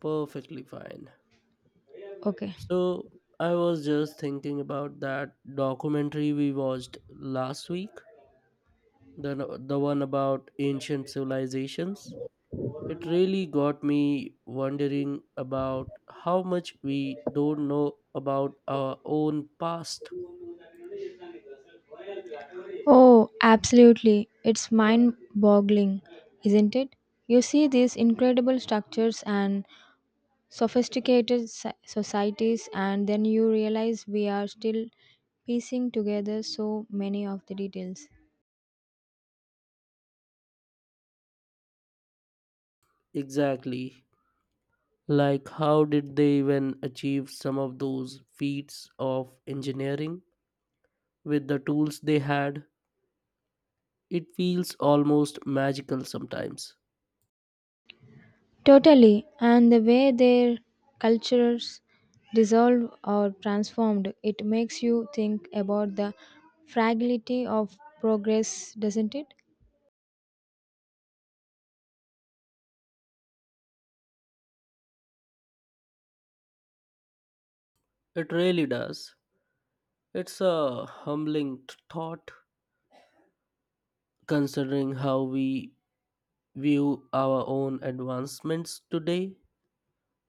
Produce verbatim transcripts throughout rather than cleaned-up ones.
Perfectly fine. Okay. So, I was just thinking about that documentary we watched last week, the no, the one about ancient civilizations. It really got me wondering about how much we don't know about our own past. Oh, absolutely. It's mind boggling, isn't it? You see these incredible structures and sophisticated so- societies, and then you realize we are still piecing together so many of the details. Exactly. Like how did they even achieve some of those feats of engineering with the tools they had? It feels almost magical sometimes. Totally. And the way their cultures dissolve or transformed, it makes you think about the fragility of progress, doesn't it? It really does. It's a humbling t- thought considering how we view our own advancements today.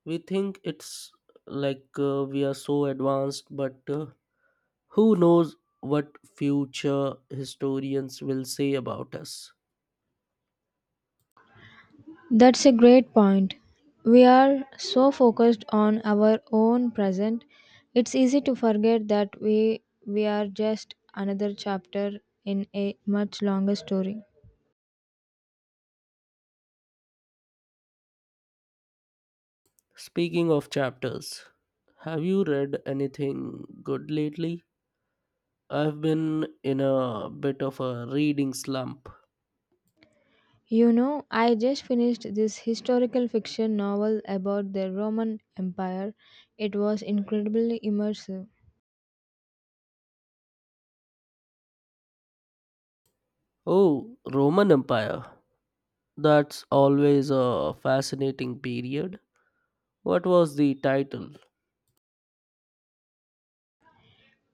We think it's like uh, we are so advanced, but uh, who knows what future historians will say about us. That's a great point. We are so focused on our own present, it's easy to forget that we we are just another chapter in a much longer story. Speaking of chapters, have you read anything good lately? I've been in a bit of a reading slump. You know, I just finished this historical fiction novel about the Roman Empire. It was incredibly immersive. Oh, Roman Empire. That's always a fascinating period. What was the title?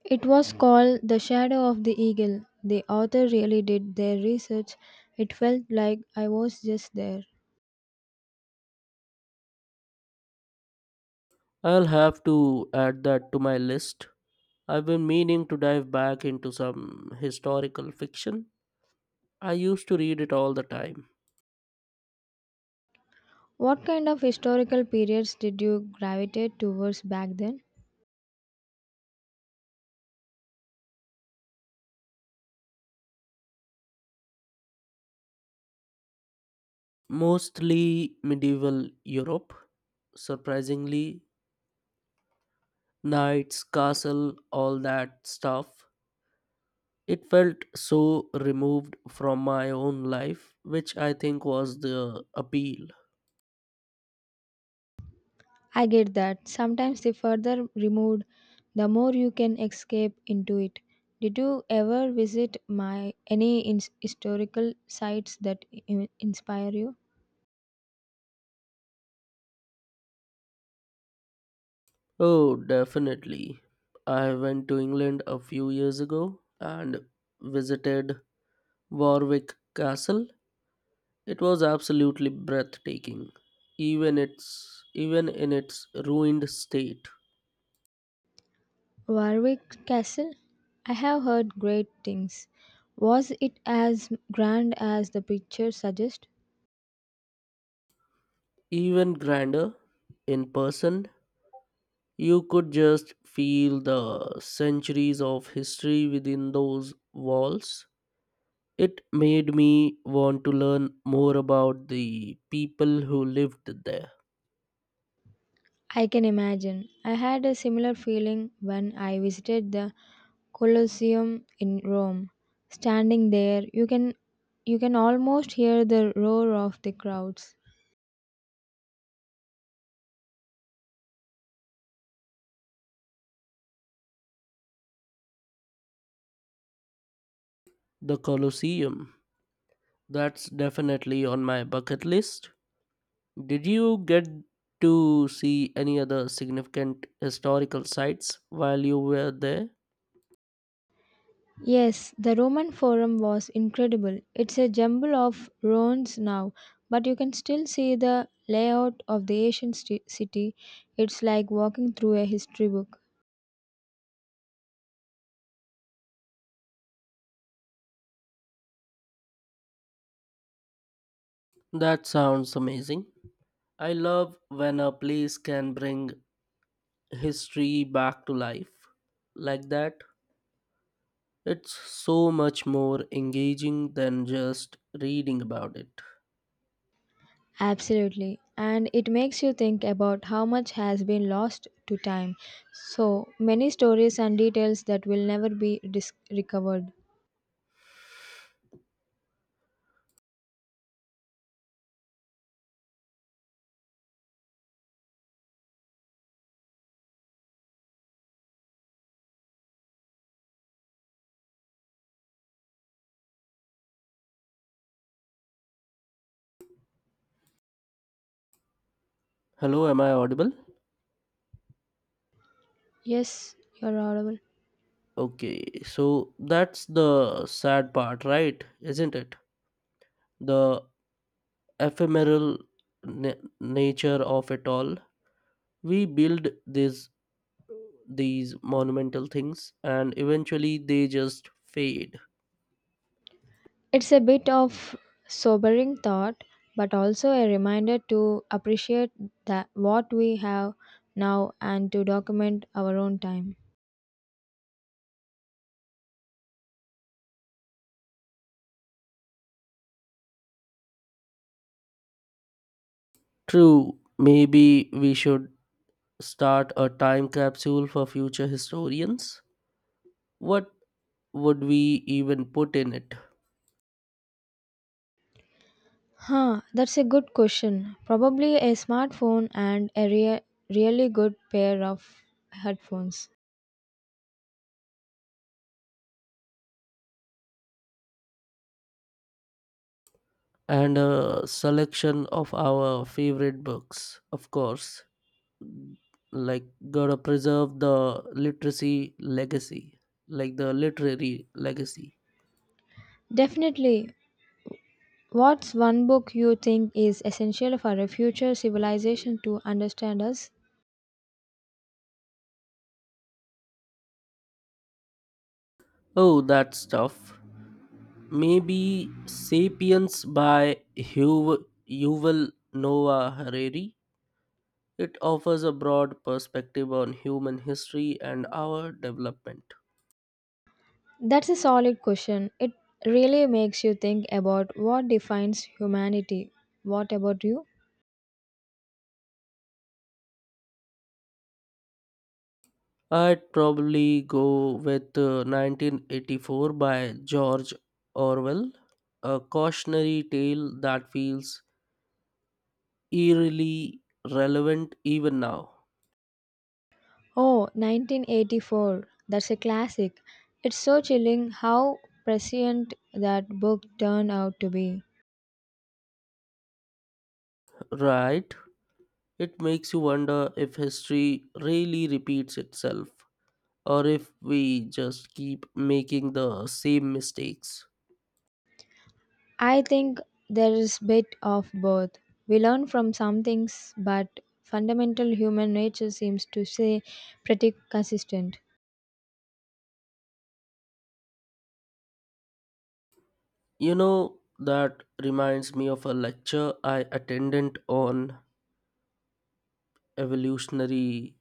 It was called The Shadow of the Eagle. The author really did their research. It felt like I was just there. I'll have to add that to my list. I've been meaning to dive back into some historical fiction. I used to read it all the time, What kind of historical periods did you gravitate towards back then? mostly medieval Europe, surprisingly, knights, castle, all that stuff. It felt so removed from my own life, which I think was the appeal. I get that. Sometimes the further removed, the more you can escape into it. Did you ever visit my any ins historical sites that in- inspire you? Oh, definitely. I went to England a few years ago and visited Warwick Castle. It was absolutely breathtaking, even its even in its ruined state. Warwick Castle? I have heard great things. Was it as grand as the pictures suggest? Even grander in person, you could just feel the centuries of history within those walls. It made me want to learn more about the people who lived there. I can imagine. I had a similar feeling when I visited the Colosseum in Rome. Standing there, you can you can almost hear the roar of the crowds. The Colosseum. That's definitely on my bucket list. Did you get to see any other significant historical sites while you were there? Yes, the Roman Forum was incredible. It's a jumble of ruins now, but you can still see the layout of the ancient sti- city. It's like walking through a history book. That sounds amazing. I love when a place can bring history back to life like that. It's so much more engaging than just reading about it. Absolutely. And it makes you think about how much has been lost to time. So many stories and details that will never be dis- recovered. Hello, am I audible? Yes, you're audible. Okay, so that's the sad part, right? Isn't it? The ephemeral na- nature of it all, we build these these monumental things and eventually they just fade. It's a bit of sobering thought, but also a reminder to appreciate that what we have now and to document our own time. True, maybe we should start a time capsule for future historians. What would we even put in it? Huh, that's a good question. Probably a smartphone and a rea- really good pair of headphones. And a selection of our favorite books, of course, like, gotta preserve the literacy legacy, like the literary legacy. Definitely. What's one book you think is essential for a future civilization to understand us? Oh, that's tough. Maybe Sapiens by Huv- Yuval Noah Harari. It offers a broad perspective on human history and our development. That's a solid question. It really makes you think about what defines humanity. What about you? I'd probably go with uh, nineteen eighty-four by George Orwell, a cautionary tale that feels eerily relevant even now. Oh, Nineteen Eighty-Four. That's a classic. It's so chilling how prescient that book turned out to be. Right? It makes you wonder if history really repeats itself, or if we just keep making the same mistakes. I think there is bit of both. We learn from some things, but fundamental human nature seems to stay pretty consistent. You know, that reminds me of a lecture I attended on evolutionary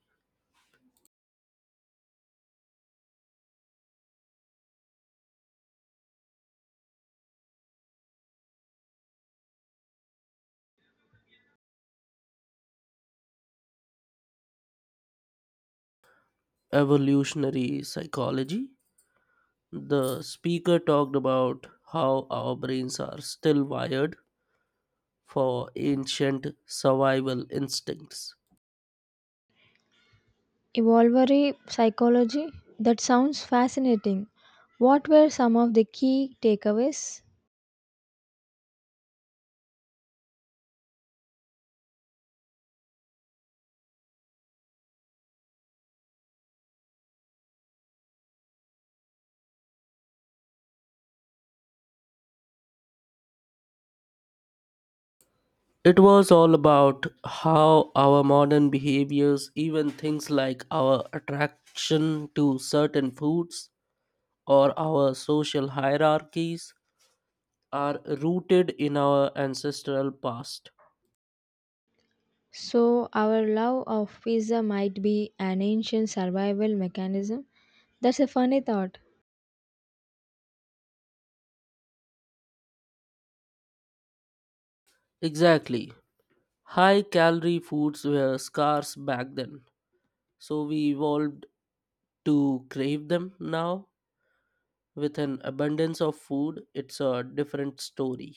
evolutionary psychology. The speaker talked about how our brains are still wired for ancient survival instincts. Evolutionary psychology? That sounds fascinating. What were some of the key takeaways? It was all about how our modern behaviors, even things like our attraction to certain foods, or our social hierarchies, are rooted in our ancestral past. So, our love of pizza might be an ancient survival mechanism. That's a funny thought. Exactly. High calorie foods were scarce back then, so we evolved to crave them now. With an abundance of food, it's a different story.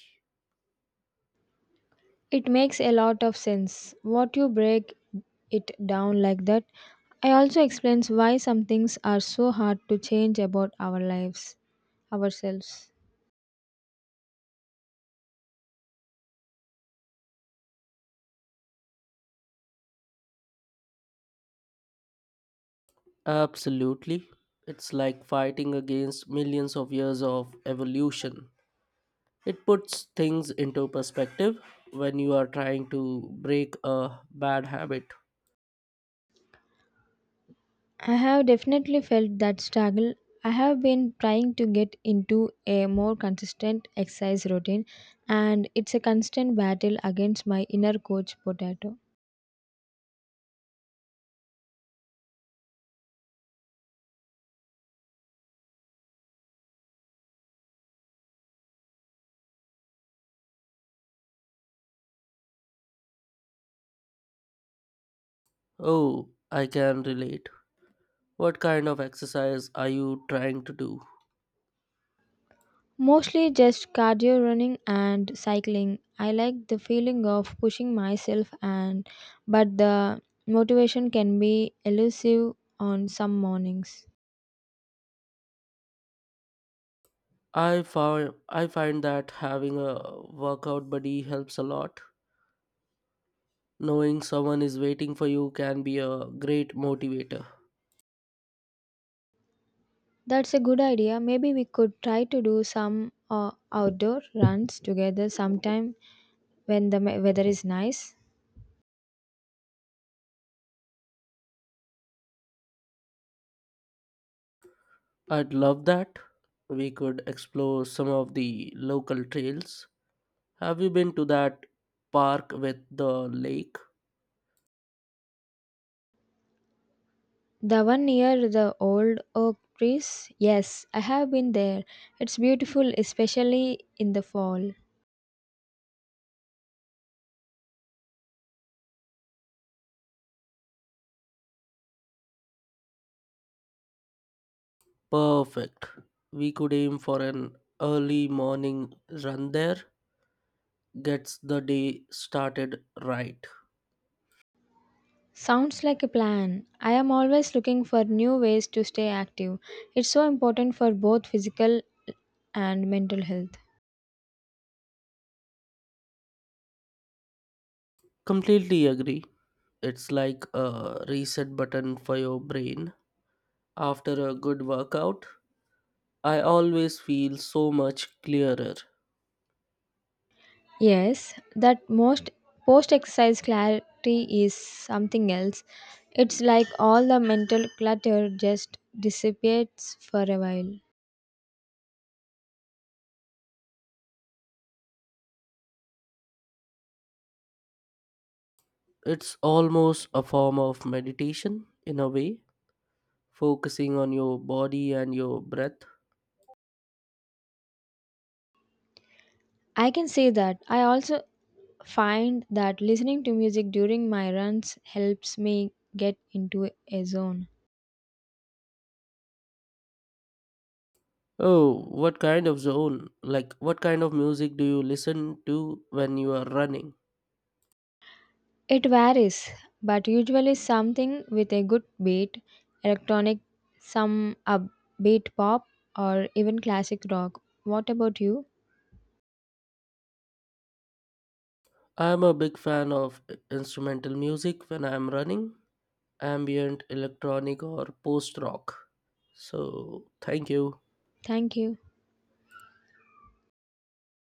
It makes a lot of sense. What you break it down like that. I also explains why some things are so hard to change about our lives, ourselves. Absolutely. It's like fighting against millions of years of evolution. It puts things into perspective when you are trying to break a bad habit. I have definitely felt that struggle. I have been trying to get into a more consistent exercise routine, and it's a constant battle against my inner coach potato. Oh, I can relate. What kind of exercise are you trying to do? Mostly just cardio running and cycling. I like the feeling of pushing myself and but the motivation can be elusive on some mornings. I found I find that having a workout buddy helps a lot. Knowing someone is waiting for you can be a great motivator. That's a good idea. Maybe we could try to do some uh, outdoor runs together sometime when the me- weather is nice. I'd love that. We could explore some of the local trails. Have you been to that park with the lake? The one near the old oak trees? Yes, I have been there. It's beautiful, especially in the fall. Perfect. We could aim for an early morning run there. Gets the day started right. Sounds like a plan. I am always looking for new ways to stay active. It's so important for both physical and mental health. Completely agree. It's like a reset button for your brain after a good workout. I always feel so much clearer. Yes, that most post exercise clarity is something else. It's like all the mental clutter just dissipates for a while. It's almost a form of meditation in a way, focusing on your body and your breath. I can say that. I also find that listening to music during my runs helps me get into a zone. Oh, what kind of zone? Like, what kind of music do you listen to when you are running? It varies, but usually something with a good beat, electronic, some upbeat pop, or even classic rock. What about you? I'm a big fan of instrumental music when I'm running. Ambient electronic or post rock. So thank you. Thank you.